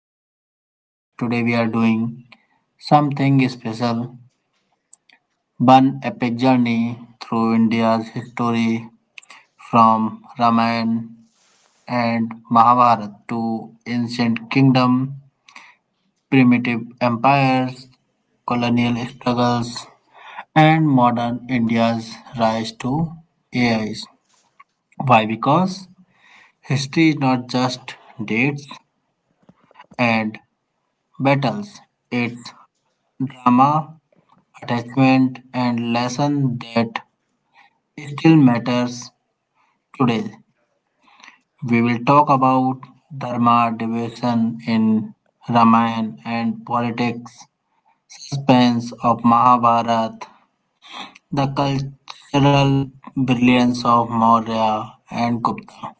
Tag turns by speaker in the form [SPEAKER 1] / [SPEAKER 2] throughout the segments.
[SPEAKER 1] Vinay. Today we are doing something special, one epic journey through India's history from Ramayana and Mahabharata to ancient kingdom, primitive empires, colonial struggles, and modern India's rise to AIs. Why? Because history is not just dates and battles, it's drama, attachment, and lesson that still matters today. We will talk about dharma, devotion in Ramayana, and politics, suspense of Mahabharata, the cultural brilliance of Maurya and Gupta.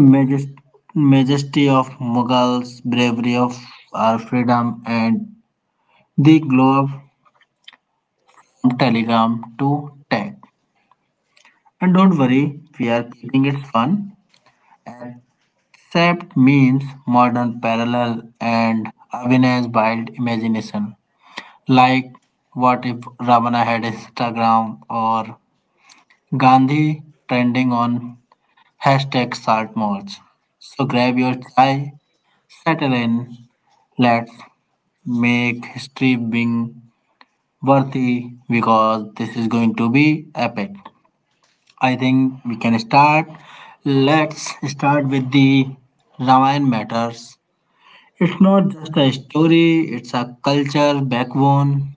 [SPEAKER 1] Majest- majesty of Mughals, bravery of our freedom, and the glow of from telegram to tech. And don't worry, we are keeping it fun. Except memes, modern parallel, and Avina's wild imagination. Like, what if Ravana had Instagram or Gandhi trending on hashtag salt march? So grab your chai, settle in, let's make history being worthy because this is going to be epic. I think we can start. Let's start with the Ramayana matters. It's not just a story, it's a culture backbone.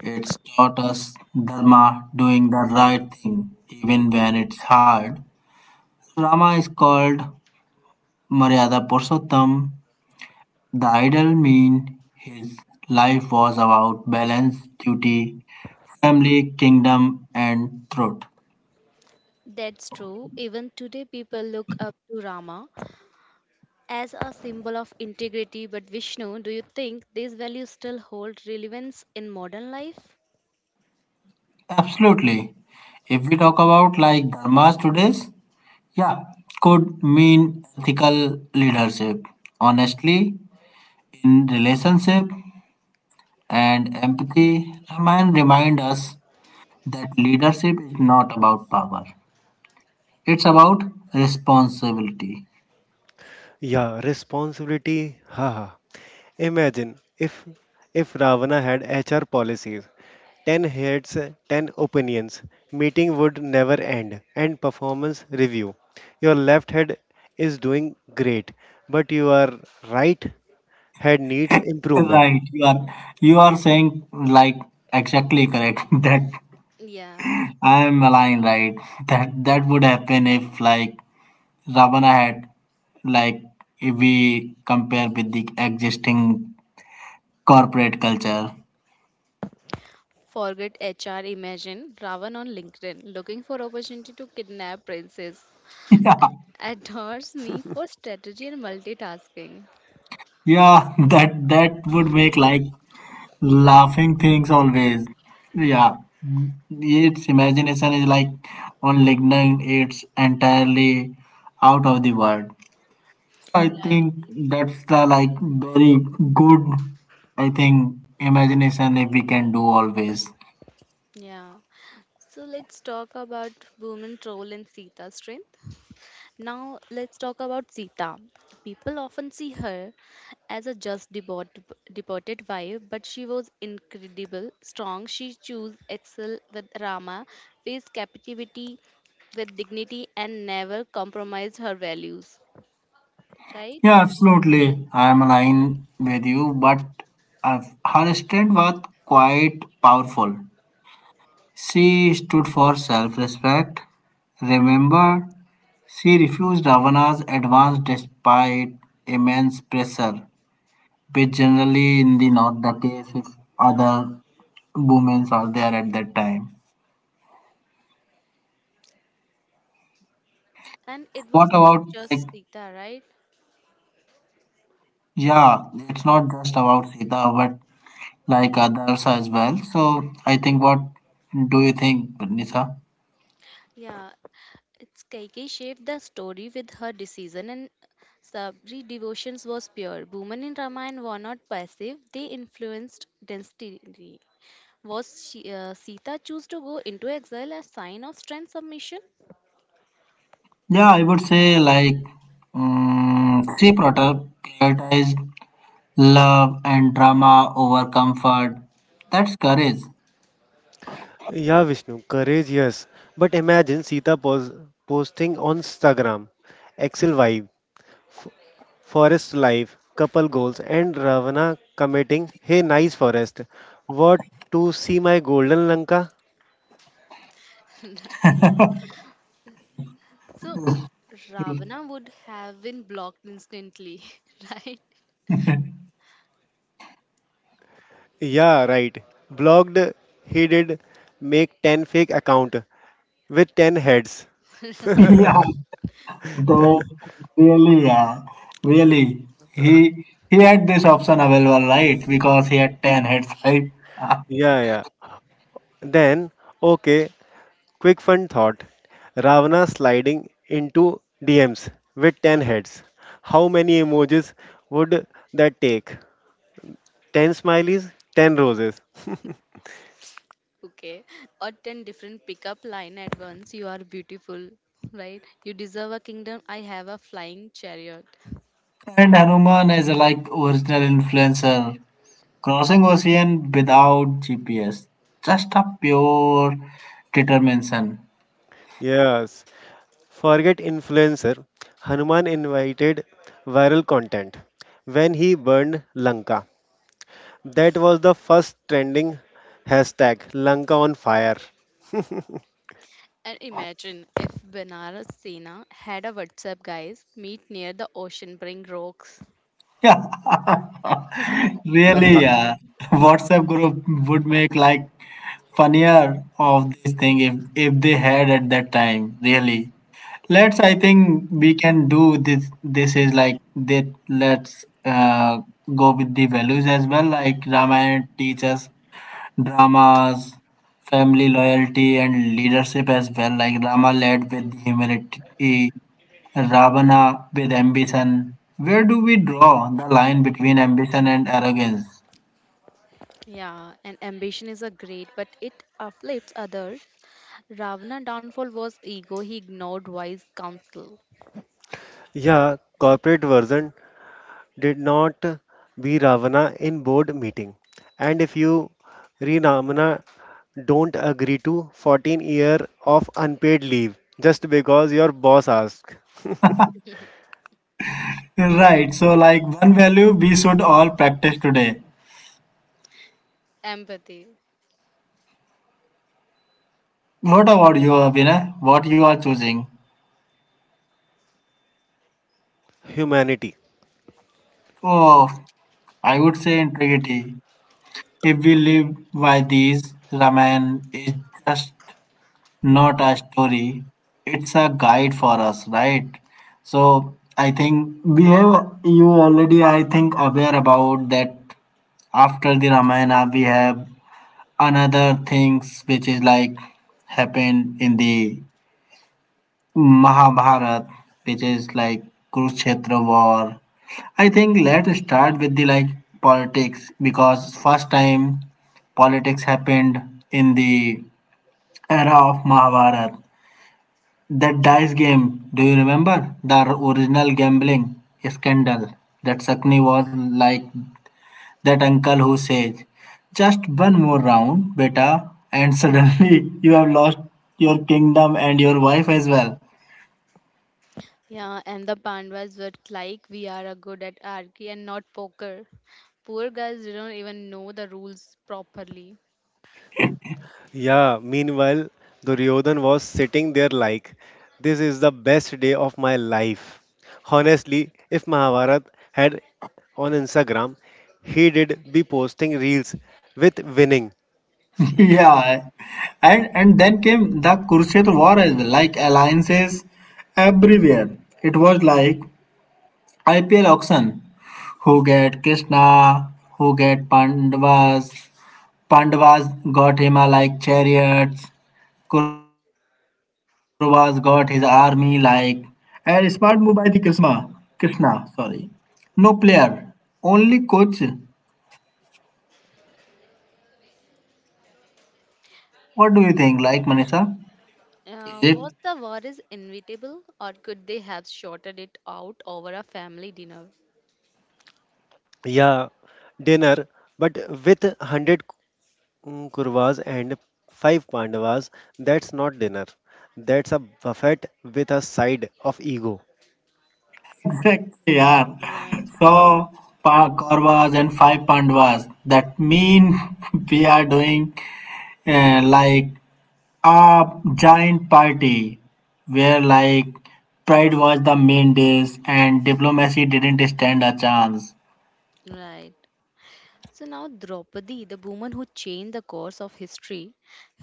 [SPEAKER 1] It's taught us dharma, doing the right thing, even when it's hard. Rama is called Maryada Purushottam, the ideal mean his life was about balance, duty, family, kingdom, and truth.
[SPEAKER 2] That's true. Even today, people look up to Rama as a symbol of integrity. But Vishnu, do you think these values still hold relevance in modern life?
[SPEAKER 1] Absolutely. If we talk about like dharmas today's, yeah, could mean ethical leadership, honestly in relationship, and empathy. Remind us that leadership is not about power; it's about responsibility.
[SPEAKER 3] Yeah, responsibility. Haha. Imagine if Ravana had HR policies, 10 heads, 10 opinions, meeting would never end, and performance review. Your left head is doing great, but your right head needs improvement.
[SPEAKER 1] Right, you are saying like exactly correct that
[SPEAKER 2] Yeah.
[SPEAKER 1] I am aligned, right? That would happen if like Ravana had, like if we compare with the existing corporate culture.
[SPEAKER 2] Forget HR. Imagine Ravan on LinkedIn looking for opportunity to kidnap princess.
[SPEAKER 1] Yeah.
[SPEAKER 2] Adores me for strategy and multitasking.
[SPEAKER 1] Yeah, that would make like laughing things always. Yeah.
[SPEAKER 2] Yeah.
[SPEAKER 1] Its imagination is like on LinkedIn, it's entirely out of the world. I
[SPEAKER 2] Right.
[SPEAKER 1] think that's the like very good, I think, imagination if we can do always.
[SPEAKER 2] Yeah. So let's talk about Boomin role and Sita's strength. Now let's talk about Sita. People often see her as a just deported wife, but she was incredible, strong. She chose excel with Rama, faced captivity with dignity, and never compromised her values. Right?
[SPEAKER 1] Yeah, absolutely. I am aligned with you, but uh, her stand was quite powerful. She stood for self respect. Remember, she refused Ravana's advance despite immense pressure, which generally in the not the case if other women are there at that time.
[SPEAKER 2] And it
[SPEAKER 1] What
[SPEAKER 2] was not
[SPEAKER 1] about like,
[SPEAKER 2] just Sita, right?
[SPEAKER 1] yeah, it's not just about Sita, but like others as well. So I think, what do you think, Nisa?
[SPEAKER 2] Yeah, it's Kaikeyi shaped the story with her decision and Sabri devotions was pure. Women in Ramayana were not passive; they influenced destiny. Was she, Sita choose to go into exile a sign of strength submission?
[SPEAKER 1] Yeah, I would say like um, she prior- prioritized love and drama over comfort. That's courage.
[SPEAKER 3] Yeah, Vishnu, courage, yes. But imagine posting on Instagram, Excel vibe, Forest life, couple goals, and Ravana committing, hey, nice forest. What to see my golden Lanka?
[SPEAKER 2] So Ravana would have been blocked instantly, right?
[SPEAKER 3] Yeah, right. Blocked, he did make 10 fake account with 10 heads.
[SPEAKER 1] Yeah, that really, yeah, really. He had this option available, right? Because he had 10 heads, right?
[SPEAKER 3] Yeah, yeah. Then, okay, quick fun thought. Ravana sliding into DMs with 10 heads. How many emojis would that take? 10 smileys, 10 roses.
[SPEAKER 2] Okay, or ten different pickup line at once. You are beautiful, right? You deserve a kingdom. I have a flying chariot.
[SPEAKER 1] And Hanuman is a like original influencer. Crossing ocean without GPS, just a pure determination.
[SPEAKER 3] Yes. Forget influencer, Hanuman invited viral content when he burned Lanka. That was the first trending hashtag Lanka on fire.
[SPEAKER 2] And imagine if Benares Sena had a WhatsApp guys meet near the ocean, bring rocks.
[SPEAKER 1] Yeah, really. Yeah, WhatsApp group would make like funnier of this thing if they had at that time. Really, let's. I think we can do this. This is like that. Let's go with the values as well. Like Ramayana teaches dramas, family loyalty, and leadership as well. Like Rama led with humility, Ravana with ambition. Where do we draw the line between ambition and arrogance?
[SPEAKER 2] Yeah, and ambition is a great, but it afflicts others. Ravana downfall was ego. He ignored wise counsel.
[SPEAKER 3] Yeah, corporate version did not be Ravana in board meeting. And if you Rinamana don't agree to 14 year of unpaid leave just because your boss asks.
[SPEAKER 1] Right. So, like one value we should all practice today.
[SPEAKER 2] Empathy.
[SPEAKER 1] What about you, Abhinay? What you are choosing?
[SPEAKER 3] Humanity.
[SPEAKER 1] Oh, I would say integrity. If we live by these, Raman is just not a story, it's a guide for us, right? So I think we have you already, I think, aware about that. After the Ramayana we have another things which is like happened in the Mahabharat, which is like Kurukshetra war. I think let's start with the like politics because first time politics happened in the era of Mahabharat. That dice game, do you remember? The original gambling scandal. That Sakni was like that uncle who says, just one more round, beta, and suddenly you have lost your kingdom and your wife as well.
[SPEAKER 2] Yeah, and the Pandavas were like, we are a good at archery and not poker. Poor guys didn't even know the rules properly.
[SPEAKER 3] Yeah, meanwhile, Duryodhan was sitting there like, this is the best day of my life. Honestly, if Mahabharat had on Instagram, he did be posting reels with winning.
[SPEAKER 1] Yeah. And then came the Kurukshetra war as well, like alliances everywhere. It was like IPL auction. Who get Krishna? Who get Pandavas? Pandavas got Hima like chariots, Kauravas got his army like, and smart move by the Krishna. Krishna, sorry. No player, only coach. What do you think, like Manisha?
[SPEAKER 2] Uh,
[SPEAKER 1] It
[SPEAKER 2] was the war is inevitable, or could they have shorted it out over a family dinner?
[SPEAKER 3] Yeah, dinner, but with 100 Kurvas and 5 Pandavas, that's not dinner. That's a buffet with a side of ego.
[SPEAKER 1] exactly? Yeah.
[SPEAKER 2] Yeah,
[SPEAKER 1] So Kauravas and five Pandavas. That mean we are doing like a giant party where like pride was the main dish and diplomacy didn't stand a chance.
[SPEAKER 2] right. So now Draupadi, the woman who changed the course of history,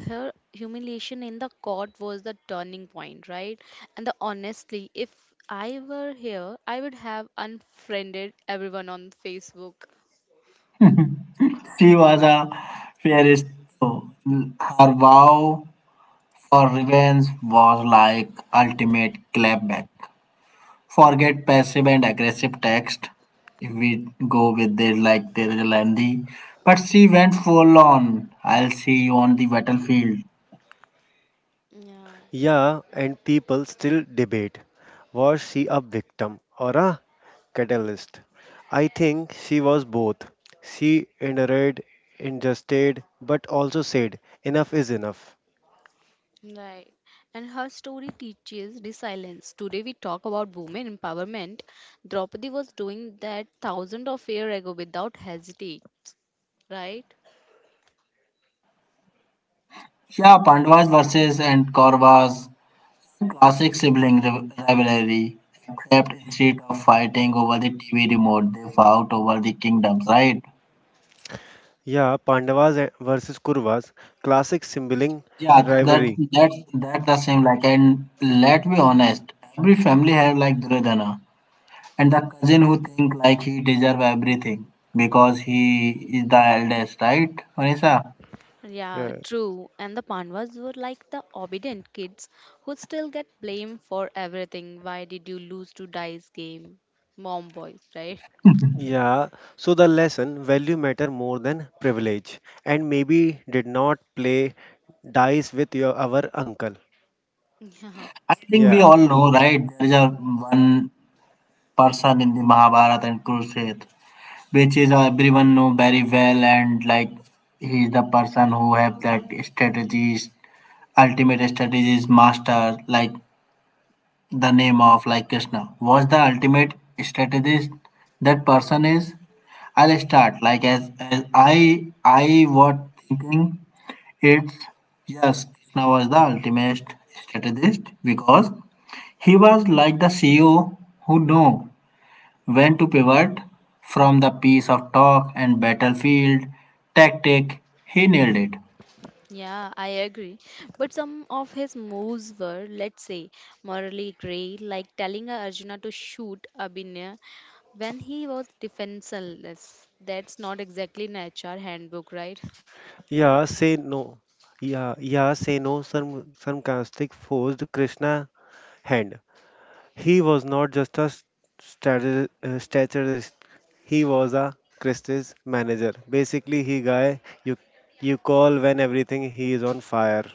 [SPEAKER 2] her humiliation in the court was the turning point, right? And the honestly, if I were here, I would have unfriended everyone on Facebook.
[SPEAKER 1] She was a fierce, so her vow for revenge was like ultimate clapback. Forget passive and aggressive text, if we go with this like there is a lengthy. But she went full on. I'll see you on the battlefield.
[SPEAKER 2] Yeah.
[SPEAKER 3] Yeah, and people still debate, was she a victim or a catalyst? I think she was both. She endured, ingested, but also said, enough is enough.
[SPEAKER 2] Right. And her story teaches resilience. Today we talk about women empowerment. Draupadi was doing that thousands of years ago without hesitate, right?
[SPEAKER 1] Yeah, Pandavas versus and Kauravas, classic sibling rivalry, except instead of fighting over the TV remote, they fought over the kingdoms, right?
[SPEAKER 3] Yeah, versus Kurvas, classic sibling
[SPEAKER 1] Yeah, so that
[SPEAKER 3] rivalry.
[SPEAKER 1] that's that's the same. Like, and let's be honest, every family have like Duryodhana, and the cousin who think like he deserve everything because he is the eldest, right, Vanessa?
[SPEAKER 2] Yeah,
[SPEAKER 3] Yeah.
[SPEAKER 2] true. And the Pandavas were like the obedient kids who still get blamed for everything. Why did you lose to dice game? Mom boys, right?
[SPEAKER 3] Yeah, so the lesson, value matter more than privilege, and maybe did not play dice with your our uncle.
[SPEAKER 2] Yeah.
[SPEAKER 1] I think
[SPEAKER 3] Yeah.
[SPEAKER 1] we all know, right? There is a one person in the Mahabharata and Kurukshetra which is everyone know very well, and like he's the person who have that strategies, ultimate strategies master, like the name of like Krishna was the ultimate strategist. That person is, I'll start like, as I was thinking, it's, yes, Krishna was the ultimate strategist because he was like the CEO who know when to pivot from the piece of talk and battlefield tactic. He nailed it.
[SPEAKER 2] Yeah, I agree. But some of his moves were, let's say, morally grey, like telling Arjuna to shoot Abhinaya when he was defenseless. That's not exactly an HR handbook, right?
[SPEAKER 3] Yeah, say no. Yeah, yeah, say no. Some sarcastic forced Krishna hand. He was not just a strategist. He was a Christie's manager. Basically, he guy you call when everything he is on fire.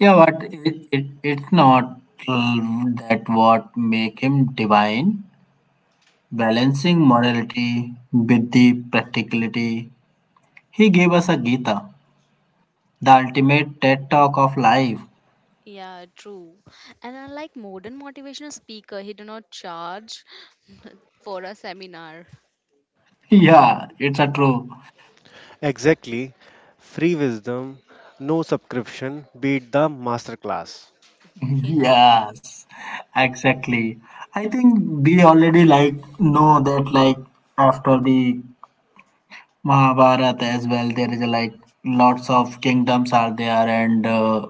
[SPEAKER 1] Yeah, but it's not that what make him divine. Balancing morality with the practicality. He gave us a Gita, the ultimate TED talk of life.
[SPEAKER 2] Yeah, true. And unlike modern motivational speaker, he do not charge for a seminar.
[SPEAKER 1] Yeah, it's a true.
[SPEAKER 3] Exactly, free wisdom, no subscription. Beat the masterclass.
[SPEAKER 2] Yeah.
[SPEAKER 1] Yes, exactly. I think we already like know that like after the Mahabharata as well. There is a, like, lots of kingdoms are there, and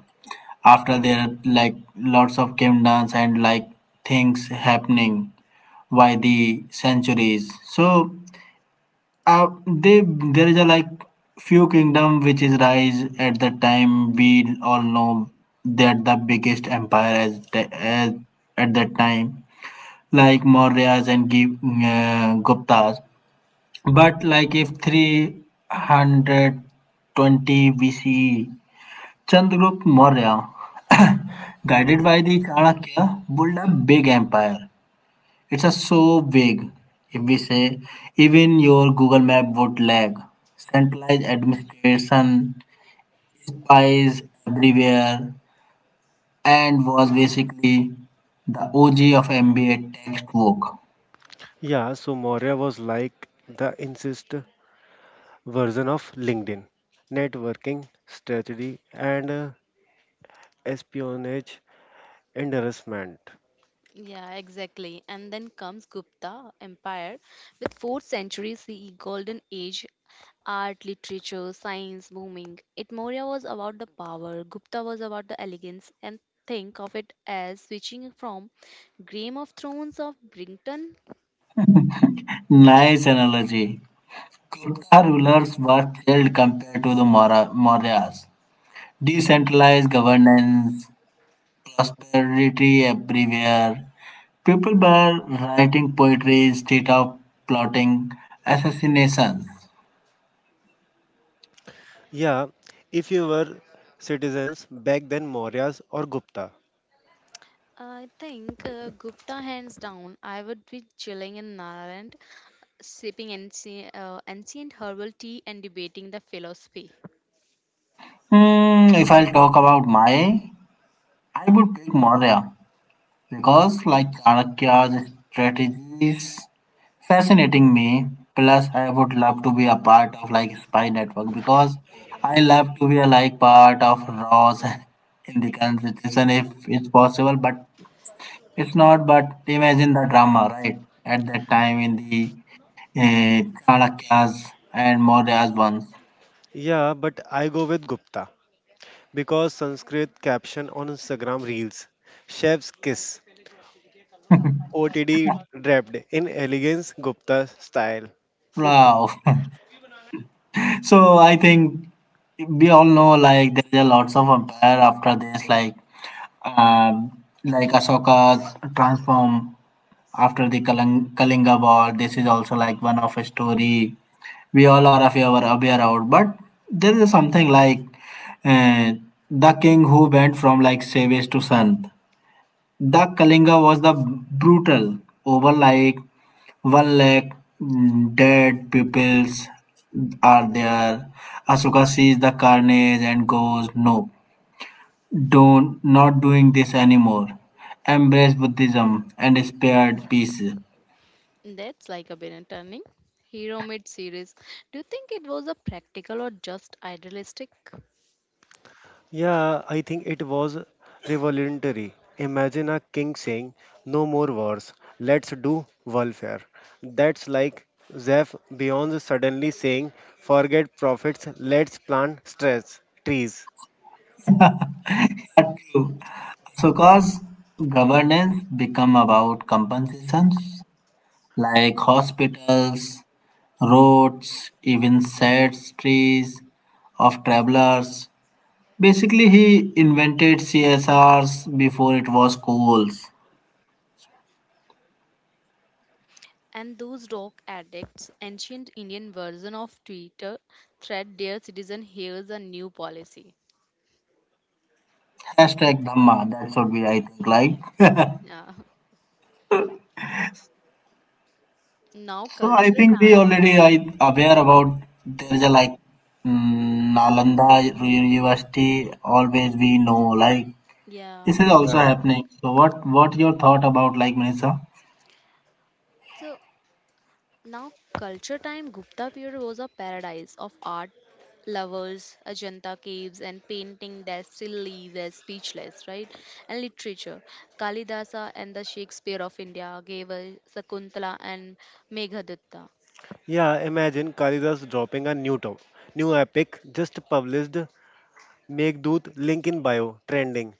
[SPEAKER 1] after there like lots of kingdoms and like things happening by the centuries. So they there is a like few kingdom which is rise at the time we all know that the biggest empire as, as at that time like Mauryas and Guptas, but like if 320 BCE, Chandragupta Maurya, guided by the Chanakya, built a big empire. It's a so big, if we say, even your Google Map would lag. Centralized administration, spies everywhere, and was basically the OG of MBA textbook.
[SPEAKER 3] Yeah, so Moria was like the insist version of LinkedIn networking strategy and espionage, and harassment.
[SPEAKER 2] Yeah, exactly. And then comes Gupta Empire with 4th century CE golden age art, literature, science booming. It Maurya was about the power, Gupta was about the elegance and think of it as switching from Game of Thrones of Brington.
[SPEAKER 1] Nice analogy. Inca rulers were chilled compared to the Mauryas. Decentralized governance, prosperity everywhere. People were writing poetry instead of plotting assassinations.
[SPEAKER 3] Yeah, if you were citizens back then, Mauryas or Gupta.
[SPEAKER 2] I think Gupta hands down. I would be chilling in Nagaland, sipping ancient, ancient herbal tea and debating the philosophy.
[SPEAKER 1] Hmm, if I'll talk about my, I would pick Maurya because, like, Chanakya's strategies, fascinating me. Plus, I would love to be a part of like spy network because I love to be a like part of Ross in the constitution if it's possible, but it's not. But imagine the drama, right? At that time in the Chanakya's and Maurya's ones.
[SPEAKER 3] Yeah, but I go with Gupta because Sanskrit caption on Instagram reels, chef's kiss, OTD draped in elegance Gupta style.
[SPEAKER 1] Wow. So I think we all know like there are lots of empire after this, like Ashoka's transform after the Kalinga War. This is also like one of a story we all are of our aware of. But there is something like uh, the king who went from like savage to saint. The Kalinga was the brutal over like 1 lakh dead pupils are there. Asuka sees the carnage and goes, no, don't not doing this anymore. Embrace Buddhism and spared peace.
[SPEAKER 2] That's like a Bennett turning. Hero Mid series. Do you think it was a practical or just idealistic?
[SPEAKER 3] Yeah, I think it was revolutionary. Imagine a king saying, no more wars, let's do welfare. That's like Zeph Beyond suddenly saying, forget profits, let's plant stress, trees.
[SPEAKER 1] So, cause governance become about compensations like hospitals, roads, even sad trees of travelers. Basically, he invented CSRs before it was cool.
[SPEAKER 2] And those rock addicts, ancient Indian version of Twitter, thread dear citizen, here's a new policy.
[SPEAKER 1] Hashtag Dhamma. That should be, I think, like.
[SPEAKER 2] Yeah. Now
[SPEAKER 1] So I
[SPEAKER 2] cultural
[SPEAKER 1] think we
[SPEAKER 2] time.
[SPEAKER 1] already are aware about there is a like Nalanda University. Always we know like
[SPEAKER 2] Yeah.
[SPEAKER 1] this is also
[SPEAKER 3] Yeah,
[SPEAKER 1] happening. So what your thought about like Manisha?
[SPEAKER 2] So now, culture time, Gupta period was a paradise of art lovers, Ajanta caves, and painting that still leaves as speechless, right? And literature, Kalidasa and the Shakespeare of India gave us Sakuntala and Meghdutta.
[SPEAKER 3] yeah, imagine Kalidas dropping a new top, new epic just published. Make Doot link in bio trending,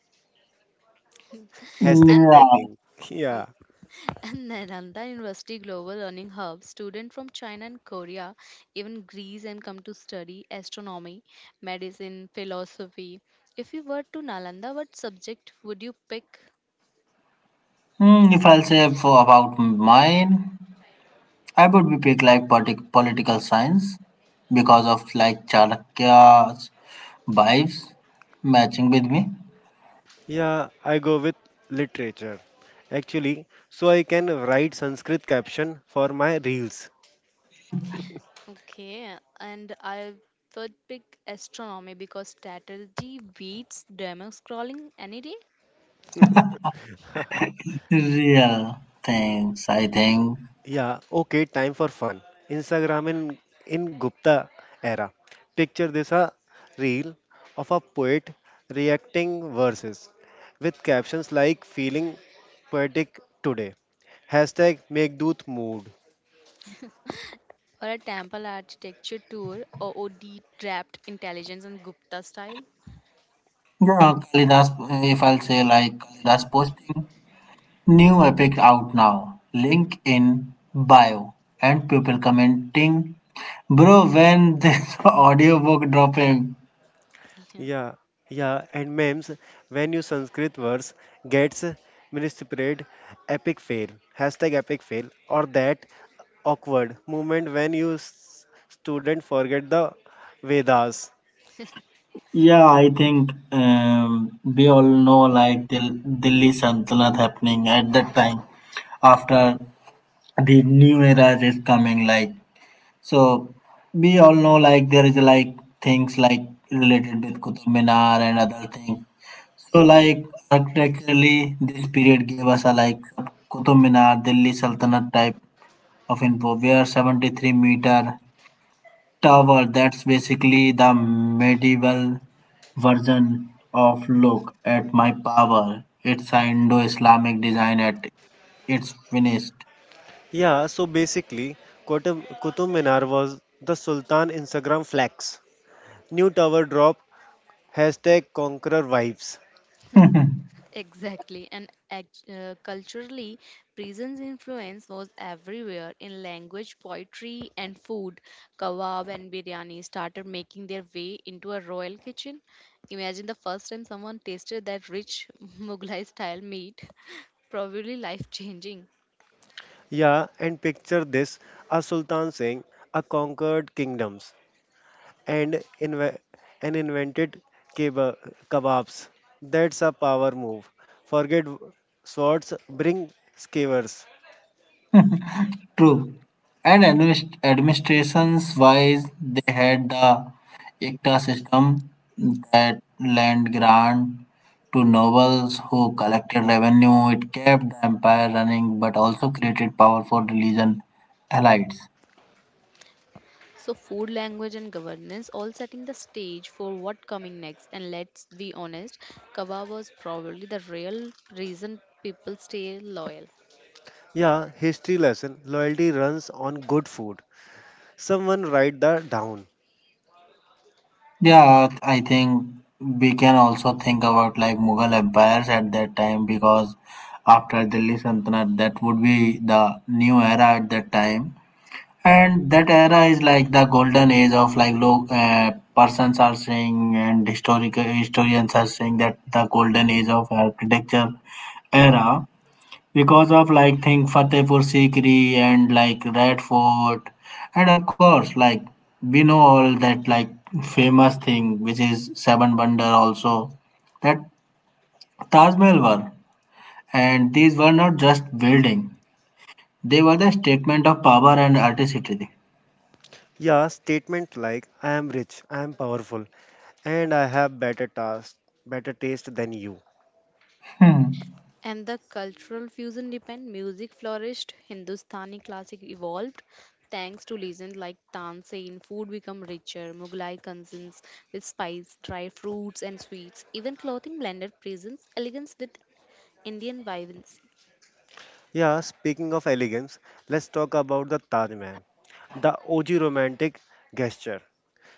[SPEAKER 3] hashtag
[SPEAKER 2] And
[SPEAKER 1] Yeah.
[SPEAKER 3] trending. Yeah.
[SPEAKER 2] and Nalanda University Global Learning Hub, students from China and Korea, even Greece, and come to study astronomy, medicine, philosophy. If you were to Nalanda, what subject would you pick?
[SPEAKER 1] Hmm, if I'll say for about mine, I would be pick like political science because of like Chalakya's vibes matching with me.
[SPEAKER 3] Yeah, I go with literature. Actually, so I can write Sanskrit caption for my reels.
[SPEAKER 2] Okay, and I would pick astronomy because strategy beats demo scrolling any day,
[SPEAKER 1] Real things, I think.
[SPEAKER 3] Yeah, okay, time for fun. Instagram in Gupta era. Picture this, a reel of a poet reacting verses with captions like feeling poetic today. Hashtag make doot mood.
[SPEAKER 2] or a temple architecture tour, or OD trapped intelligence and Gupta style.
[SPEAKER 1] Yeah, Kalidas. If I'll say like Kalidas posting. New epic out now. Link in bio. And people commenting, bro, when this audiobook dropping?
[SPEAKER 2] Yeah.
[SPEAKER 3] Yeah, yeah, and memes, when you Sanskrit words gets mispread, epic fail, hashtag epic fail, or that awkward moment when student forget the Vedas.
[SPEAKER 1] Yeah, I think we all know like Delhi Saltanat happening at that time after the new era is coming. Like so, we all know like there is like things like related with Qutub Minar and other things. So like architecturally, this period gave us a like Qutub Minar, Delhi Sultanate type of info, where 73-meter tower. That's basically the medieval version of look at my power. It's a Indo-Islamic design at its finished.
[SPEAKER 3] Yeah, so basically, Kutub Qutub Minar was the Sultan Instagram flex. New tower drop, hashtag conqueror vibes.
[SPEAKER 2] Exactly, and culturally, prison's influence was everywhere in language, poetry, and food. Kebab and biryani started making their way into a royal kitchen. Imagine the first time someone tasted that rich Mughlai style meat, probably life changing.
[SPEAKER 3] Yeah, and picture this, a Sultan saying, a conquered kingdoms, and invented keba- kebabs. That's a power move. Forget swords, bring skewers.
[SPEAKER 1] True. And administrations wise, they had the ICTA system that land grant to nobles who collected revenue. It kept the empire running but also created powerful religion allies.
[SPEAKER 2] So, food, language, and governance all setting the stage for what coming next. And let's be honest, kebab was probably the real reason people stay loyal.
[SPEAKER 3] Yeah, history lesson. Loyalty runs on good food. Someone write that down.
[SPEAKER 1] Yeah, I think we can also think about like Mughal empires at that time because after Delhi Sultanate, that would be the new era at that time. And that era is like the golden age of like low persons are saying and historical historians are saying that the golden age of architecture era, because of like think Fatehpur Sikri and like Red Fort, and of course like we know all that like famous thing which is seven wonder also, that Taj Mahal were, and these were not just building, they were the statement of power and artistry.
[SPEAKER 3] Yeah, statement like I am rich, I am powerful, and I have better taste than you.
[SPEAKER 2] And the cultural fusion depend music flourished, Hindustani classic evolved thanks to legends like Tansein, food become richer, Mughlai cuisines with spice, dry fruits and sweets, even clothing blended presence, elegance with Indian vibrancy.
[SPEAKER 3] Yeah, speaking of elegance, let's talk about the Taj Mahal, the OG romantic gesture.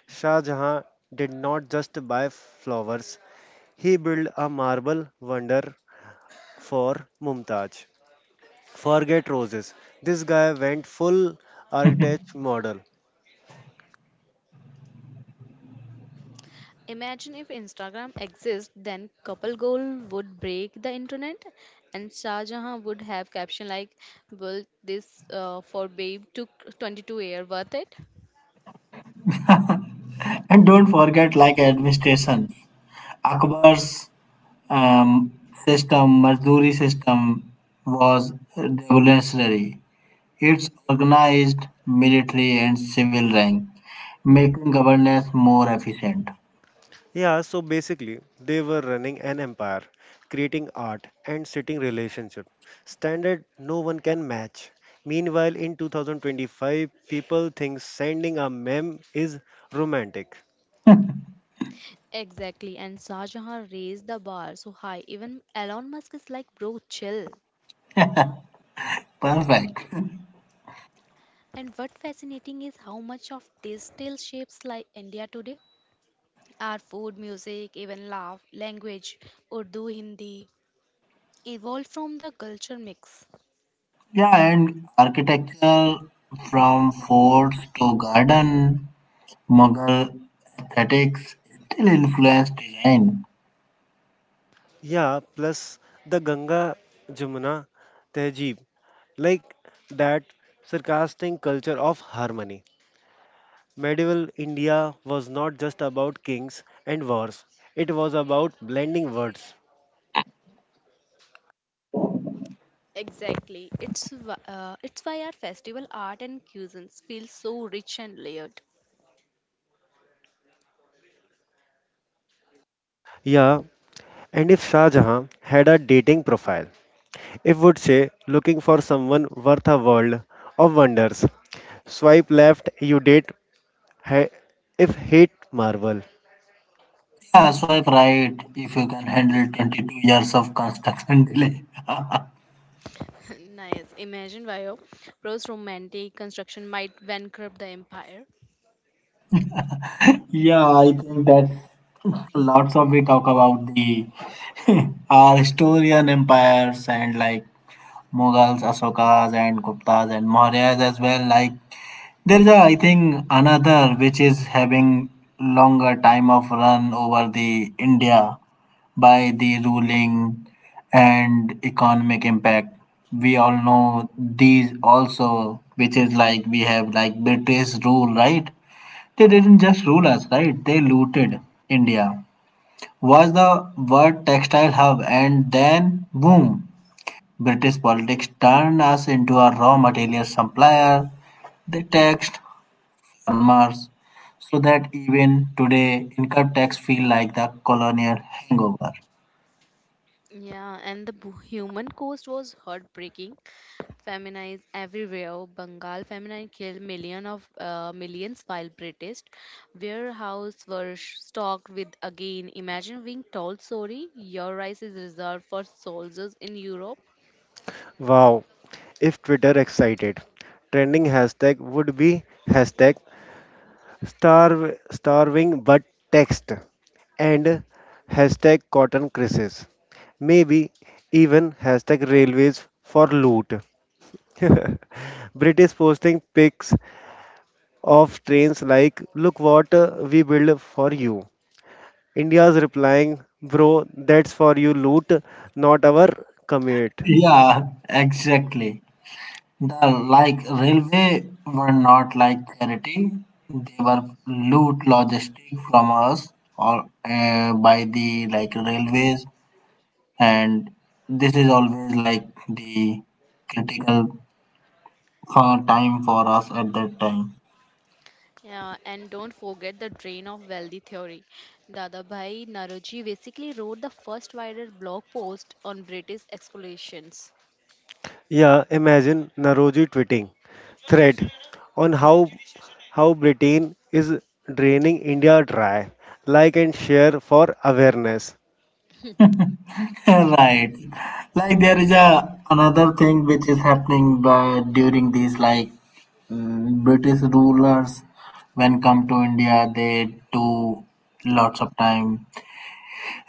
[SPEAKER 3] Shah Jahan did not just buy flowers, he built a marble wonder for Mumtaz. Forget roses. This guy went full architect model.
[SPEAKER 2] Imagine if Instagram exists, then couple goal would break the internet, and Shah Jahan would have caption like, "Will this for babe to 22 year worth it?"
[SPEAKER 1] And don't forget, like administration, Akbar's um, system, Mazduri system, was revolutionary. It's organized military and civil rank, making governance more efficient.
[SPEAKER 3] Yeah, so basically, they were running an empire, creating art and setting relationship. Standard no one can match. Meanwhile, in 2025, people think sending a meme is romantic.
[SPEAKER 2] Exactly, and Shah Jahan raised the bar so high. Even Elon Musk is like, bro, chill.
[SPEAKER 1] Perfect.
[SPEAKER 2] And what fascinating is how much of this still shapes like India today. Our food, music, even laugh, language, Urdu, Hindi, evolved from the culture mix.
[SPEAKER 1] Yeah, and architecture from forts to garden, Mughal aesthetics still influence design.
[SPEAKER 3] Yeah, plus the Ganga Jamuna Tehzeeb, like that sarcastic culture of harmony. Medieval India was not just about kings and wars, it was about blending words.
[SPEAKER 2] Exactly, it's why our festival art and cuisines feel so rich and layered.
[SPEAKER 3] Yeah, and if Shah Jahan had a dating profile, it would say looking for someone worth a world of wonders. Swipe left, you date ha- if hate Marvel.
[SPEAKER 1] Yeah, swipe right if you can handle 22 years of construction delay.
[SPEAKER 2] Nice. Imagine why a Pro's romantic construction might bankrupt the empire.
[SPEAKER 1] Yeah, I think that lots of we talk about the our historian empires and like Mughals, Ashokas, and Guptas, and Mauryas as well. Like, there is, a, I think, another which is having longer time of run over the India by the ruling and economic impact. We all know these also, which is like we have like British rule, right? They didn't just rule us, right? They looted India. Was the world textile hub, and then boom, British politics turned us into a raw material supplier. They taxed farmers, so that even today income tax feel like the colonial hangover.
[SPEAKER 2] Yeah, and the human cost was heartbreaking. Feminized everywhere. Bengal feminine killed millions while British warehouses were stocked with again. Imagine being told, sorry, your rice is reserved for soldiers in Europe.
[SPEAKER 3] Wow, if Twitter excited. Trending hashtag would be hashtag starving but text, and hashtag cotton crisis. Maybe even hashtag railways for loot. British posting pics of trains like, look what we build for you. India's replying, bro, that's for you loot, not our commute.
[SPEAKER 1] Yeah, exactly. The like railway were not like charity; they were loot logistic from us, or by the like railways, and this is always like the critical time for us at that time.
[SPEAKER 2] Yeah, and don't forget the drain of wealthy theory. Dadabhai Naroji basically wrote the first wider blog post on British explorations.
[SPEAKER 3] Yeah, imagine Naroji tweeting thread on how Britain is draining India dry. Like and share for awareness.
[SPEAKER 1] Right, like there is a another thing which is happening by, during these like British rulers, when come to India they do lots of time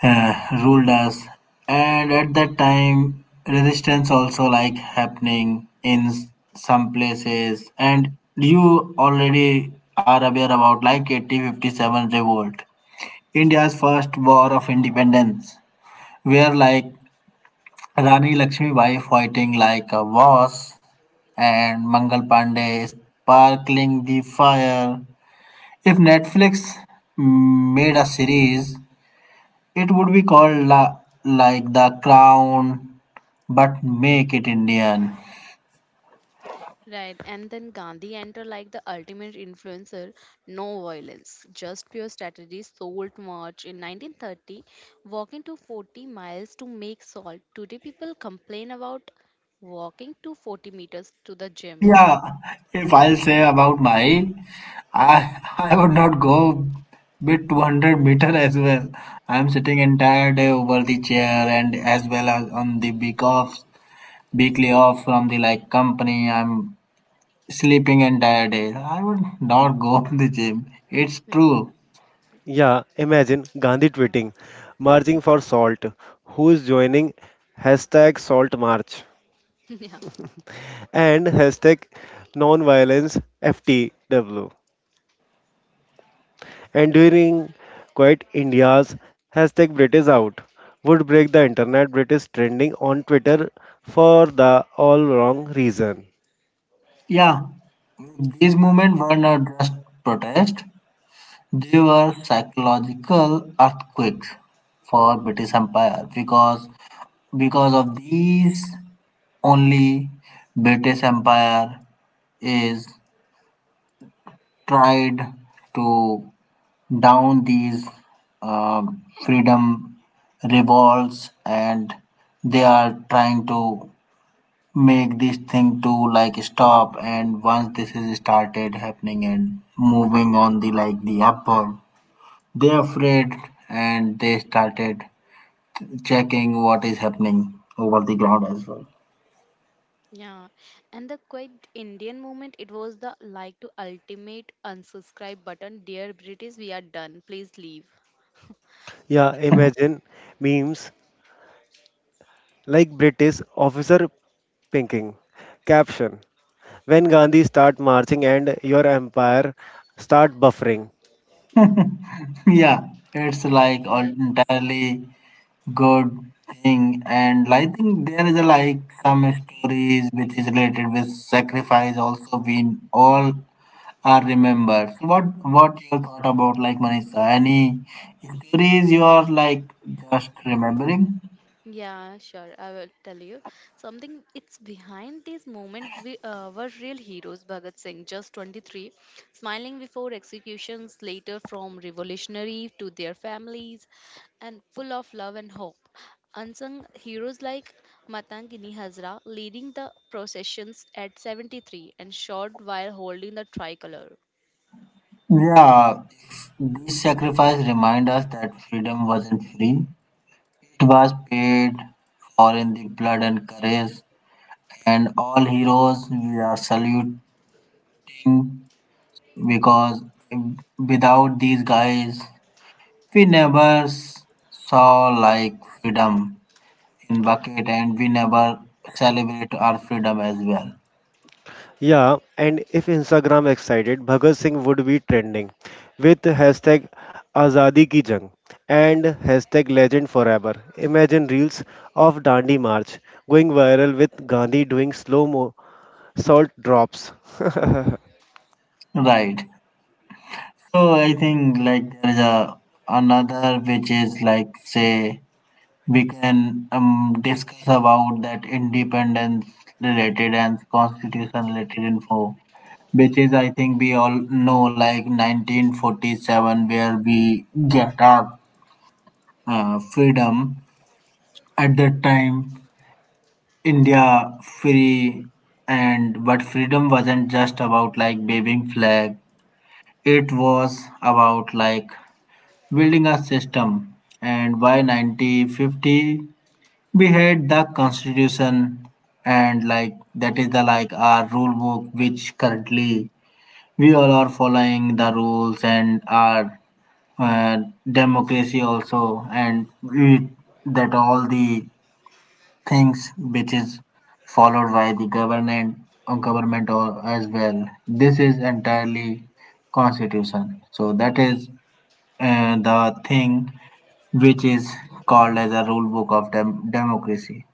[SPEAKER 1] uh, ruled us, and at that time resistance also like happening in some places, and you already are aware about like 1857 revolt, India's first war of independence, where like Rani Lakshmibai fighting like a boss, and Mangal Pandey sparkling the fire. If Netflix made a series, it would be called like The Crown, but make it Indian.
[SPEAKER 2] Right, and then Gandhi enter like the ultimate influencer, no violence, just pure strategy. Salt March in 1930, walking to 40 miles to make salt. Today, people complain about walking to 40 meters to the gym.
[SPEAKER 1] Yeah, if I'll say about my, I I would not go bit 200-meter as well. I'm sitting entire day over the chair and as well as on the big offs. Weekly off from the like company. I'm sleeping entire day. I would not go to the gym. It's
[SPEAKER 2] Hmm.
[SPEAKER 1] true.
[SPEAKER 3] Yeah, imagine Gandhi tweeting, marching for salt. Who is joining? Hashtag salt march
[SPEAKER 2] Yeah,
[SPEAKER 3] and hashtag non FTW. And during Quiet India's, hashtag British out would break the internet, British trending on Twitter for the all wrong reason.
[SPEAKER 1] Yeah, these movements were not just protest; they were psychological earthquakes for British Empire, because of these only British Empire is tried to down these uh, freedom revolts, and they are trying to make this thing to like stop, and once this is started happening and moving on the like the upward, they are afraid and they started checking what is happening over the ground as well.
[SPEAKER 2] yeah, and the quite Indian movement. It was the like to ultimate unsubscribe button. Dear British, we are done. Please leave.
[SPEAKER 3] Yeah, imagine memes like British officer pinking. Caption, when Gandhi start marching and your empire start buffering.
[SPEAKER 1] Yeah, it's
[SPEAKER 2] Right,
[SPEAKER 1] like
[SPEAKER 2] right.
[SPEAKER 1] entirely good thing, and I think there is a, like some stories which is related with sacrifice also we all are remembered. So what your thought about like Manisha? Any stories you are like just remembering?
[SPEAKER 2] Yeah, sure. I will tell you something. It's behind this moment we were real heroes. Bhagat Singh, just 23, smiling before executions, later from revolutionary to their families, and full of love and hope. Unsung heroes like Matangini Hazra leading the processions at 73 and shot while holding the tricolor.
[SPEAKER 1] Yeah, this sacrifice remind us that freedom wasn't free. It was paid for in the blood and courage, and all heroes we are salute, because without these guys, we never saw like freedom in bucket, and we never celebrate our freedom as well.
[SPEAKER 3] Yeah, and if Instagram excited, Bhagat Singh would be trending with hashtag Azadi Ki Jang and hashtag Legend Forever. Imagine reels of Dandi March going viral with Gandhi doing slow mo salt drops.
[SPEAKER 1] Right. So I think like there is a another which is like say we can discuss about that independence related and constitution related info, which is I think we all know like 1947 where we get our freedom. At that time, India free, and but freedom wasn't just about like waving flag. It was about like building a system. And by 1950, we had the constitution, and like that is the like our rule book, which currently we all are following the rules and our uh, democracy also, and we, that all the things which is followed by the government or government or as well. This is entirely constitution. So that is the thing which is called as a rule book of democracy.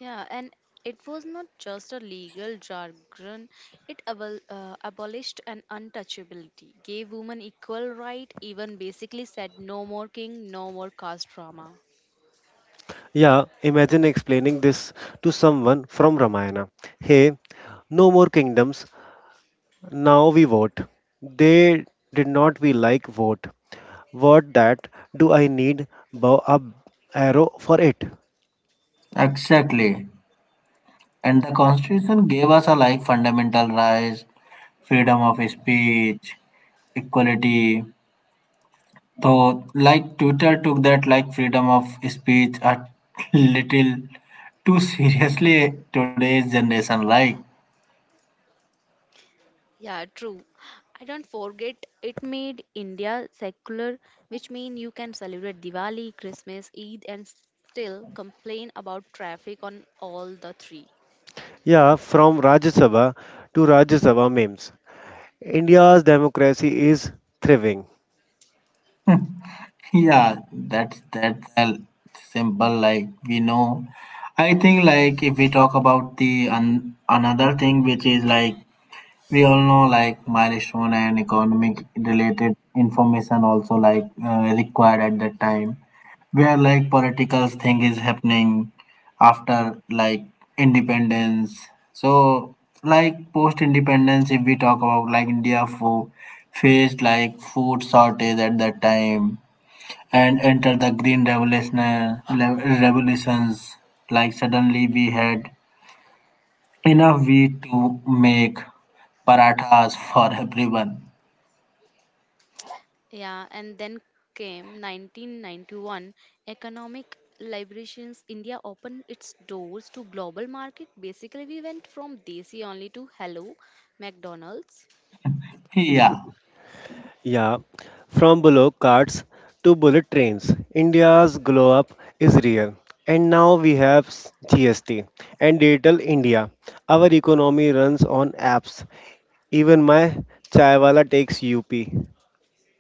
[SPEAKER 2] Yeah, and it was not just a legal jargon, it abolished an untouchability, gave women equal right, even basically said no more king, no more caste drama.
[SPEAKER 3] Yeah, imagine explaining this to someone from Ramayana. Hey, no more kingdoms, now we vote. They did not we like vote. What that do I need bow up arrow for it?
[SPEAKER 1] Exactly. And the constitution gave us a like fundamental rights, freedom of speech, equality. So, like Twitter took that like freedom of speech a little too seriously today's generation. Like,
[SPEAKER 2] Yeah, true. I don't forget it made India secular, which means you can celebrate Diwali, Christmas, Eid, and still complain about traffic on all the three.
[SPEAKER 3] Yeah, from Rajya Sabha to Rajya Sabha memes. India's democracy is thriving.
[SPEAKER 1] yeah, that's a simple. Like we know, I think like if we talk about the another thing which is like we all know like milestone and economic related information also like required at that time where like political thing is happening after like independence, so like post independence if we talk about like India faced like food shortage at that time, and entered the green revolution revolutions like suddenly we had in a week to make parathas for everyone.
[SPEAKER 2] Yeah, and then came 1991 economic liberations. India opened its doors to global market. Basically, we went from desi only to hello McDonald's.
[SPEAKER 1] Yeah,
[SPEAKER 3] Yeah, from bullock carts to bullet trains, India's glow up is real. And now we have GST and Digital India. Our economy runs on apps. Even my chaiwala takes UP.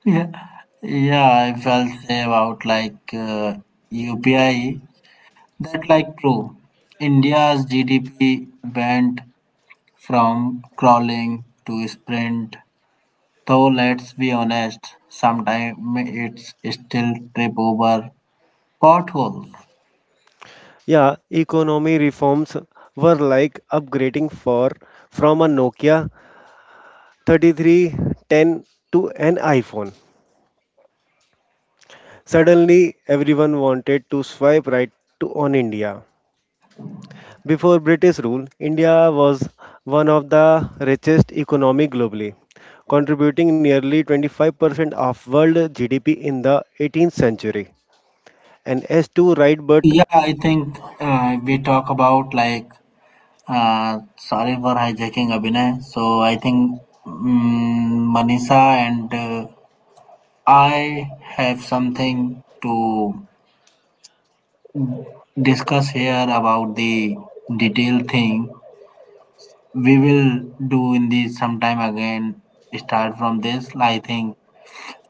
[SPEAKER 1] yeah, yeah. I felt about like UPI. That like true. India's GDP went from crawling to sprint. Though let's be honest, sometimes it's still trip over potholes.
[SPEAKER 3] Yeah, economy reforms were like upgrading for from a Nokia 3310 to an iPhone. Suddenly, everyone wanted to swipe right to on India. Before British rule, India was one of the richest economy globally, contributing nearly 25% of world GDP in the 18th century. And as to right, but
[SPEAKER 1] Yeah, I think we talk about like sorry for hijacking, Abhinay. So I think Manisha and I have something to discuss here about the detailed thing. We will do in the sometime again. Start from this. I think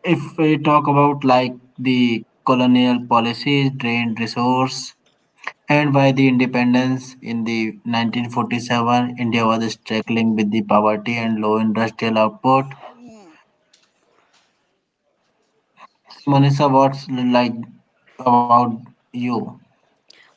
[SPEAKER 1] if we talk about like the colonial policies, drained resource, and by the independence in the 1947, India was struggling with the poverty and low industrial output. Manisha, what's like about you?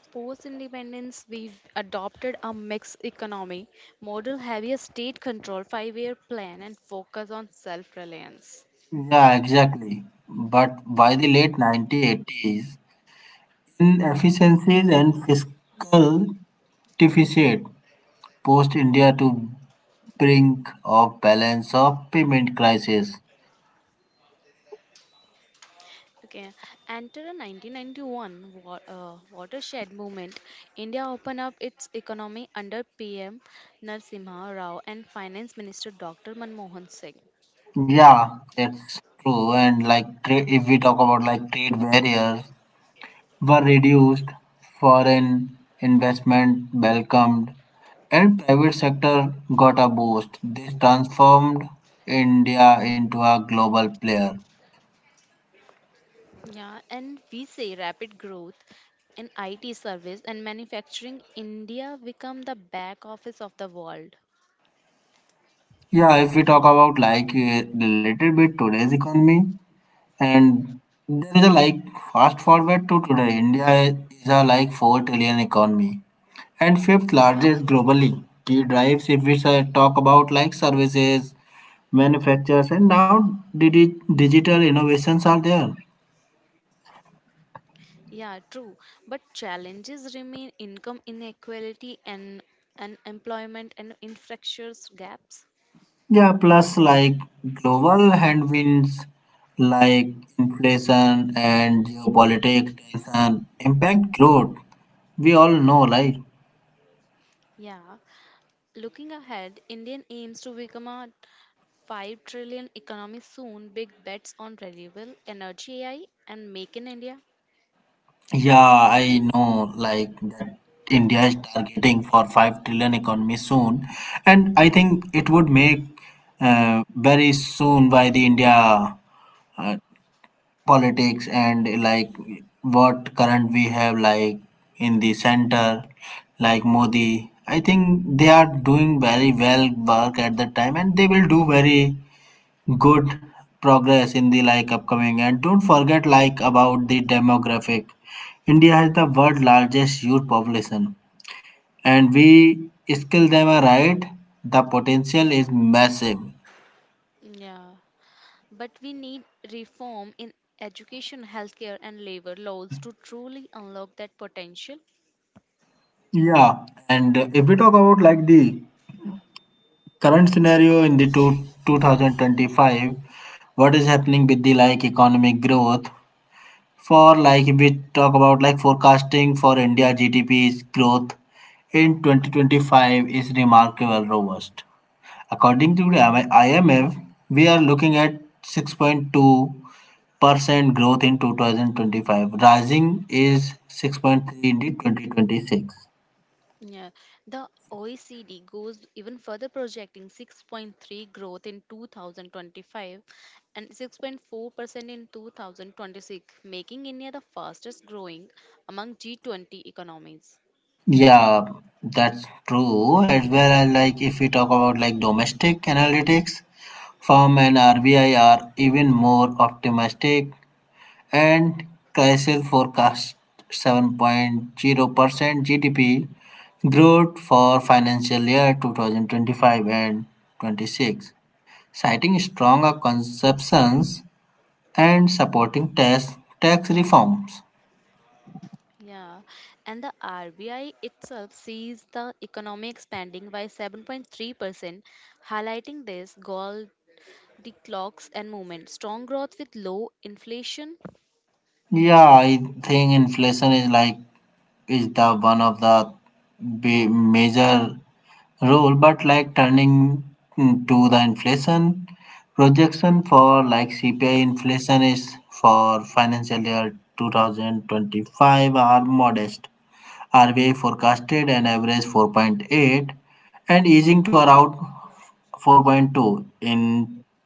[SPEAKER 2] Post independence, we adopted a mixed economy model, heavier state control, five-year plan, and focus on self-reliance.
[SPEAKER 1] Yeah, exactly. But by the late 1980s, inefficiencies and fiscal deficit forced India to brink of balance of payment crisis.
[SPEAKER 2] Okay, enter the 1991 watershed movement. India opened up its economy under PM Narasimha Rao and Finance Minister Dr. Manmohan Singh.
[SPEAKER 1] Yeah, it's true. And like if we talk about like trade barriers were reduced, foreign investment welcomed, and private sector got a boost. This transformed India into a global player.
[SPEAKER 2] Yeah, and we say rapid growth in IT service and manufacturing. India become the back office of the world.
[SPEAKER 1] Yeah, if we talk about like related with today's economy, and there is a like fast forward to today, India is a like 4 trillion economy and fifth largest globally. Key drives, if we talk about like services, manufacturers, and now digital innovations are there.
[SPEAKER 2] Yeah, true. But challenges remain income inequality and unemployment and infrastructure gaps.
[SPEAKER 1] Yeah, plus like global headwinds like inflation and geopolitics tension impact growth. We all know, right?
[SPEAKER 2] Yeah, looking ahead, India aims to become a 5 trillion economy soon. Big bets on renewable energy AI and make in India.
[SPEAKER 1] Yeah, I know like that India is targeting for 5 trillion economy soon, and I think it would make very soon by the India uh, politics and like what current we have like in the center, like Modi, I think they are doing very well work at the time, and they will do very good progress in the like upcoming. And don't forget like about the demographic, India has the world largest youth population, and we skill them right, the potential is massive.
[SPEAKER 2] Yeah. But we need reform in education, healthcare and labor laws to truly unlock that potential.
[SPEAKER 1] Yeah, and if we talk about like the current scenario in the 2025, what is happening with the like economic growth. For like if we talk about like forecasting for India GDP's growth in 2025 is remarkable robust. According to the IMF, we are looking at 6.2% growth in 2025. Rising is 6.3 in the 2026.
[SPEAKER 2] Yeah, the OECD goes even further, projecting 6.3 growth in 2025 and 6.4% in 2026, making India the fastest growing among G20 economies.
[SPEAKER 1] Yeah, that's true. As well as like if we talk about like domestic analytics, firm and RBI are even more optimistic, and Chrysler forecast 7.0% GDP growth for financial year 2025 and 26, citing stronger consumptions and supporting tax reforms.
[SPEAKER 2] Yeah, and the RBI itself sees the economy expanding by 7.3%, highlighting this gold the clocks and movement, strong growth with low inflation.
[SPEAKER 1] Yeah, I think inflation is like is the one of the major role, but like turning to the inflation projection for like CPI inflation is for financial year 2025 are modest. RBI forecasted an average 4.8 and easing to around 4.2 in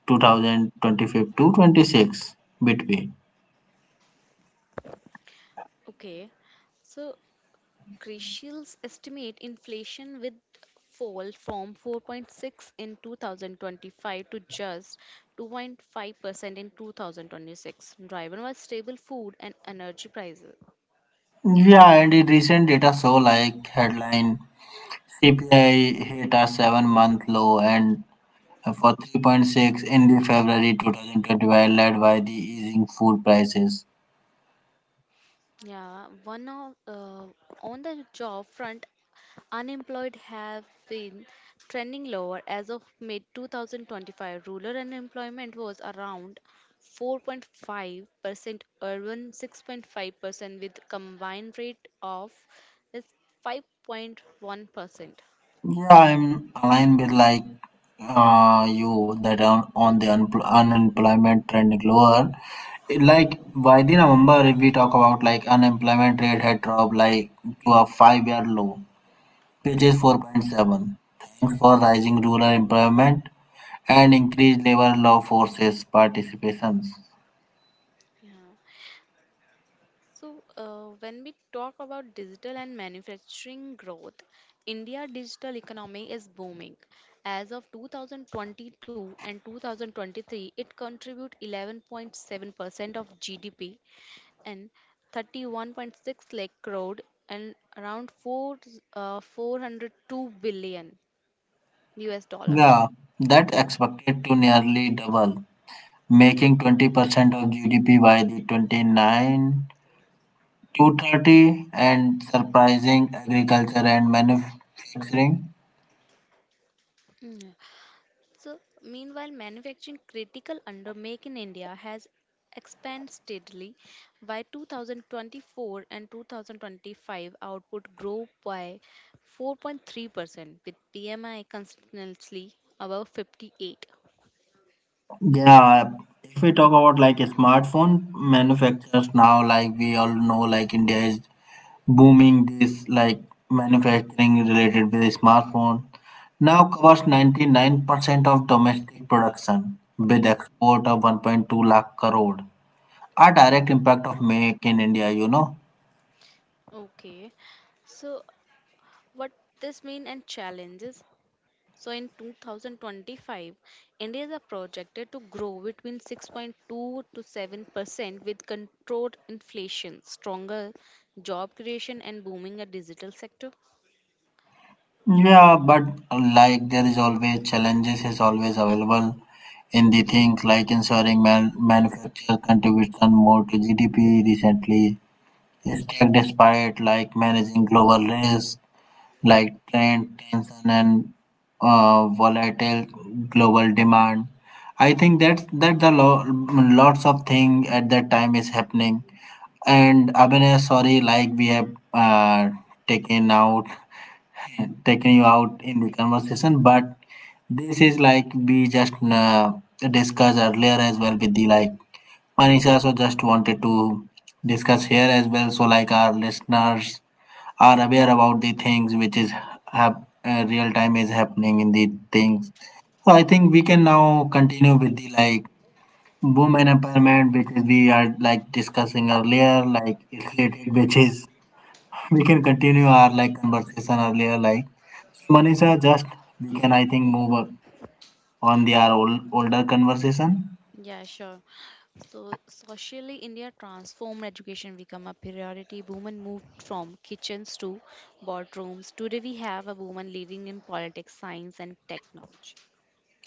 [SPEAKER 1] 2025 to 26 between.
[SPEAKER 2] Okay. So Crucials estimate inflation with fall from 4.6 in 2025 to just 2.5% in 2026, driven by stable food and energy prices.
[SPEAKER 1] Yeah, and in recent data show like headline CPI hit a 7 month low, and for 3.6 in the February 2025, led by the easing food prices.
[SPEAKER 2] Yeah, one of on the job front, unemployed have been trending lower as of mid 2025. Rural unemployment was around 4.5%, urban 6.5%, with combined rate of is 5.1%.
[SPEAKER 1] Yeah, I'm aligned with like you that on the unemployment trend lower. Like by the November, if we talk about like unemployment rate had dropped like to a five-year low, which is 4.7, thanks for rising rural employment and increased labor law forces participations.
[SPEAKER 2] Yeah. So, when we talk about digital and manufacturing growth, India digital economy is booming. As of 2022 and 2023, it contribute 11.7% of GDP and 31.6 lakh crore and around 4 uh, 402 billion US dollar.
[SPEAKER 1] Yeah, that expected to nearly double making 20% of GDP by the 29 to 30 and surprising agriculture and manufacturing.
[SPEAKER 2] So, meanwhile, manufacturing critical under make in India has expanded steadily. By 2024 and 2025, output grew by 4.3%, with PMI consistently above 58.
[SPEAKER 1] Yeah, if we talk about like smartphone manufacturers now, like we all know, like India is booming this like manufacturing related with smartphone. Now covers 99% of domestic production with export of 1.2 lakh crore. A direct impact of Make in India, you know.
[SPEAKER 2] Okay, so what this mean and challenges? So in 2025, India is projected to grow between 6.2 to 7% with controlled inflation, stronger job creation and booming a digital sector.
[SPEAKER 1] Yeah, but like there is always challenges is always available in the things like ensuring manufacturer contribution more to GDP recently. Is tech despite like managing global risks like trade tension and volatile global demand. I think that's that the lots of thing at that time is happening. And Abhinay, sorry, like we have taken out taken you out in the conversation, but this is like we just discussed earlier as well with the like Manisha also, just wanted to discuss here as well. So like our listeners are aware about the things which is real time is happening in the things. So I think we can now continue with the like women empowerment, because we are like discussing earlier like it's related, which is we can continue our like conversation earlier. Like Manisha, just we can I think move on their older conversation.
[SPEAKER 2] Yeah, sure. So socially, India transformed education become a priority. Women moved from kitchens to boardrooms. Today we have a woman leading in politics, science and technology.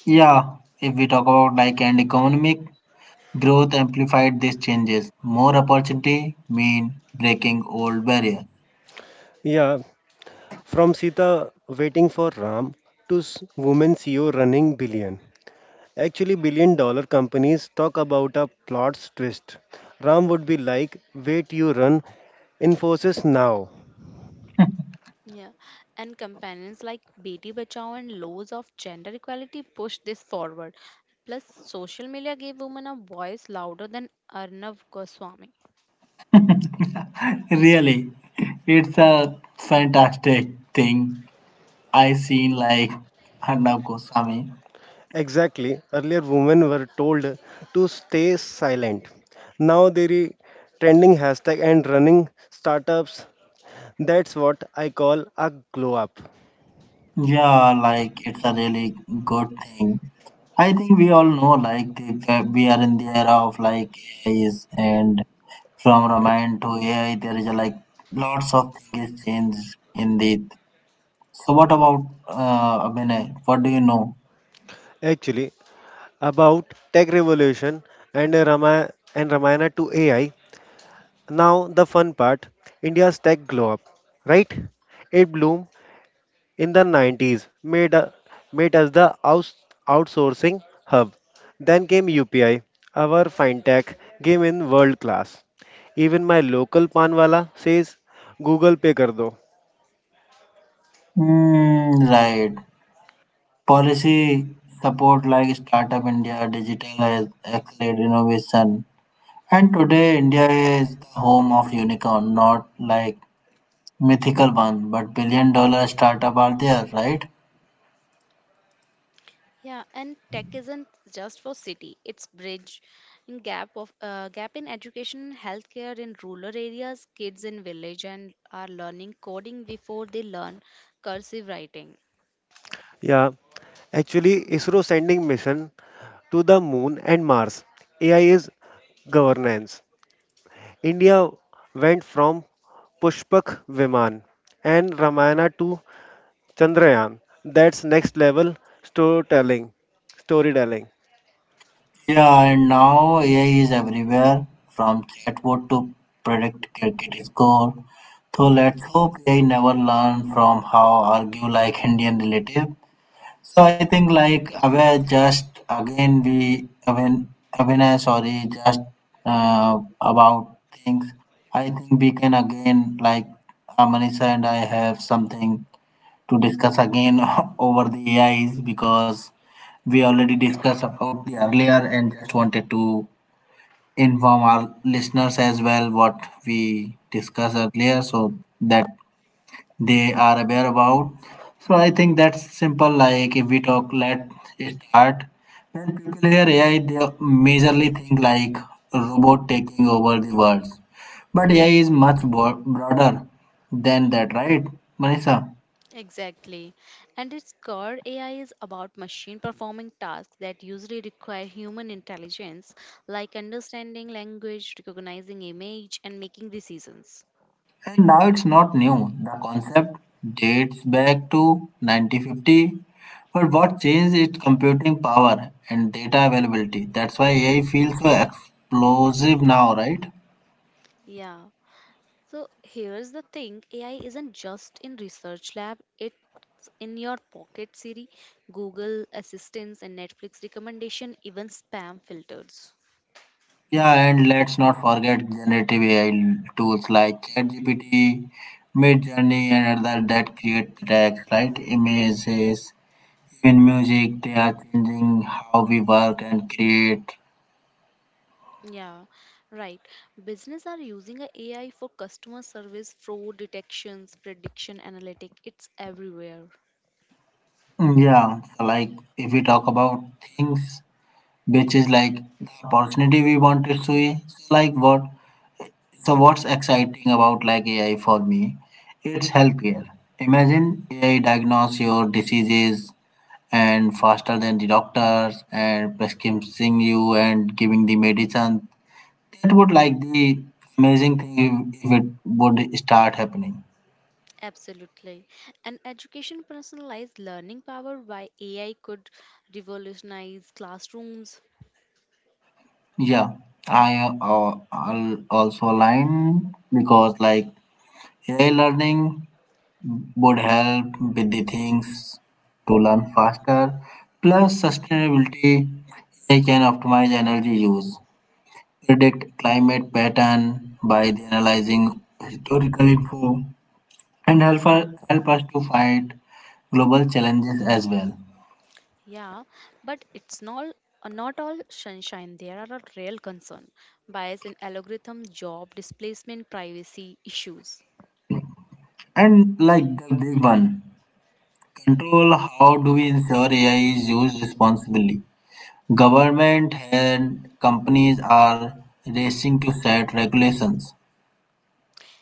[SPEAKER 1] Yeah, if we talk about like and economic growth amplified these changes. More opportunity mean breaking old barrier.
[SPEAKER 3] yeah, from Sita waiting for Ram to woman CEO running billion. Actually, billion dollar companies, talk about a plot's twist. Ram would be like, wait, you run Infosys now.
[SPEAKER 2] Yeah, and companions like Beti Bachao and laws of gender equality pushed this forward. Plus, social media gave women a voice louder than Arnav Goswami.
[SPEAKER 1] Really, it's a fantastic thing. I seen like Arnab Goswami.
[SPEAKER 3] Exactly. Earlier, women were told to stay silent. Now there is trending hashtag and running startups. That's what I call a glow up.
[SPEAKER 1] Yeah, like it's a really good thing. I think we all know we are in the era of like AIs, and from Ramayana to AI there is a, like lots of things changed in the, so what about Abhinay, what do you know?
[SPEAKER 3] Actually, about tech revolution and Rama and Ramayana to AI. Now, the fun part, India's tech glow up, right? It bloomed in the 90s, made us the outsourcing hub. Then came UPI, our fintech game in world class. Even my local panwala says Google Pay kar do.
[SPEAKER 1] Mm, right. Policy support like Startup India, Digital has Accelerate Innovation. And today India is the home of unicorn, not like mythical one, but $1 billion startup are there, right?
[SPEAKER 2] Yeah, and tech isn't just for city; it's bridge in gap in education, healthcare in rural areas. Kids in village and are learning coding before they learn cursive writing.
[SPEAKER 3] Yeah, actually, ISRO sending mission to the moon and Mars. AI is governance. India went from Pushpak Viman and Ramayana to Chandrayaan. That's next level storytelling. storytelling.
[SPEAKER 1] Yeah, and now AI is everywhere from chatbot to predict cricket score. So let's hope AI never learn from how argue like Indian relative. So I think like aware just again we when Abhinay, sorry, just about things. I think we can again like Amanisha and I have something to discuss again over the AIs, because we already discussed about the earlier and just wanted to inform our listeners as well what we discussed earlier, so that they are aware about. So I think that's simple. Like if we talk, let's start. When people hear AI, they majorly think like robot taking over the world. But AI is much broader than that, right, Manisha?
[SPEAKER 2] Exactly. And its core AI is about machine performing tasks that usually require human intelligence, like understanding language, recognizing image, and making decisions.
[SPEAKER 1] And now it's not new. The concept dates back to 1950. But what changed is computing power and data availability. That's why AI feels so explosive now, right?
[SPEAKER 2] Yeah. So here's the thing AI isn't just in research lab, it's in your pocket Siri, Google assistance and Netflix recommendation, even spam filters.
[SPEAKER 1] Yeah, and let's not forget generative AI tools like ChatGPT, Midjourney, and other that create text, right? Images, even music. They are changing how we work and create.
[SPEAKER 2] Yeah, right. Business are using a AI for customer service, fraud detections, prediction analytic. It's everywhere.
[SPEAKER 1] Mm, yeah, so like if we talk about things which is like opportunity we wanted to see. So like what? So what's exciting about like AI for me? It's healthcare. Imagine AI diagnose your diseases and faster than the doctors and prescribing you and giving the medicine. That would like the amazing thing if it would start happening.
[SPEAKER 2] Absolutely. And education personalized learning powered by AI could revolutionize classrooms.
[SPEAKER 1] Yeah, I I'll also align because like AI learning would help with the things to learn faster. Plus, sustainability AI can optimize energy use, predict climate pattern by analyzing historical info, and help us to fight global challenges as well.
[SPEAKER 2] Yeah, but it's not all sunshine. There are a real concern. Bias in algorithm, job displacement, privacy issues.
[SPEAKER 1] And like the big one, control how do we ensure AI is used responsibly? Government and companies are racing to set regulations.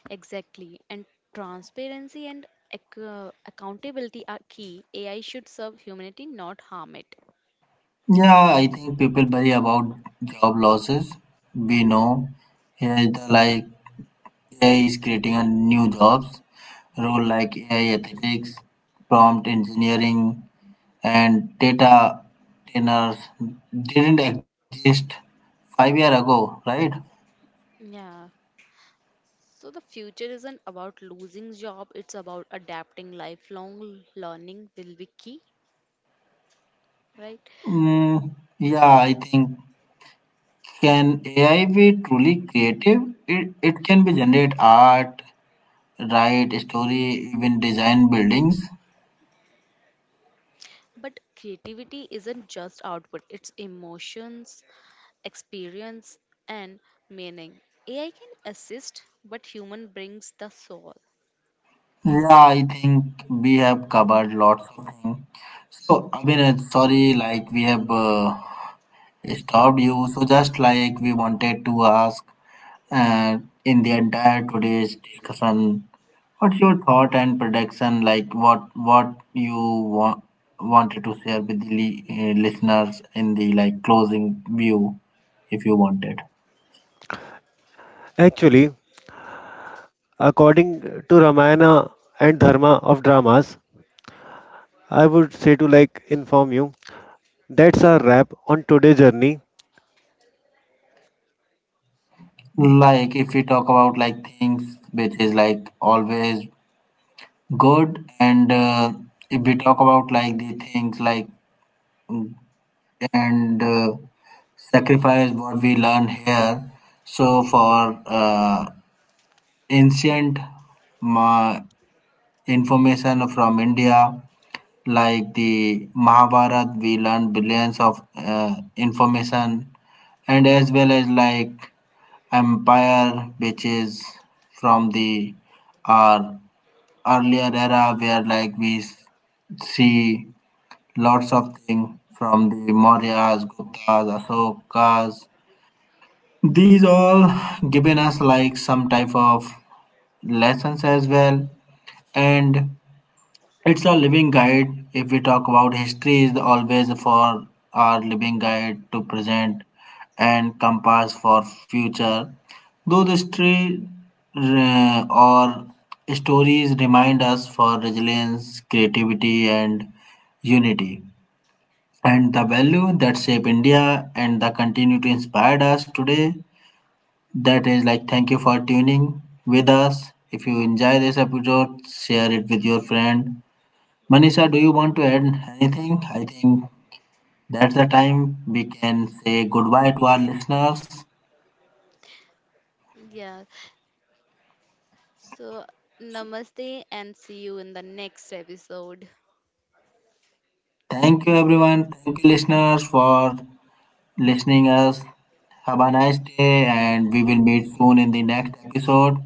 [SPEAKER 2] Exactly. And transparency and accountability are key. AI should serve humanity, not harm it.
[SPEAKER 1] Yeah, I think people worry about job losses. We know AI is the, like AI is creating a new jobs role like AI ethics, prompt engineering, and data trainers didn't exist 5 year ago, right?
[SPEAKER 2] Yeah. So the future isn't about losing job, it's about adapting lifelong learning will be key, right?
[SPEAKER 1] Mm, yeah, I think can AI be truly creative? It can be generate art, write story, even design buildings.
[SPEAKER 2] But creativity isn't just output, it's emotions, experience and meaning. AI can assist, but human brings the soul.
[SPEAKER 1] Yeah, I think we have covered lots of things. So, I Abhinav, sorry, like we have stopped you. So, just like we wanted to ask uh, in the entire today's discussion, what's your thought and prediction? Like, what you want wanted to share with the listeners in the like closing view, if you wanted.
[SPEAKER 3] Actually, according to Ramayana and Dharma of dramas, I would say to like inform you. That's a wrap on today's journey
[SPEAKER 1] Like, if we talk about like things which is like always good. And if we talk about like the things like and sacrifice what we learn here. So for ancient ma- information from India, like the Mahabharat, we learn billions of information, and as well as like empire, which is from the our earlier era where like we see lots of things from the Mauryas, Guptas, Ashokas. These all given us like some type of lessons as well, and it's a living guide. If we talk about history, is always for our living guide to present and compass for future. Though history or stories remind us for resilience, creativity, and unity and the value that shape India and the continue to inspire us today. That is like thank you for tuning with us. If you enjoy this episode, share it with your friend. Manisha, do you want to add anything? I think that's the time we can say goodbye to our listeners.
[SPEAKER 2] Yeah. So, namaste and see you in the next episode.
[SPEAKER 1] Thank you everyone. Thank you listeners for listening us. Have a nice day and we will meet soon in the next episode.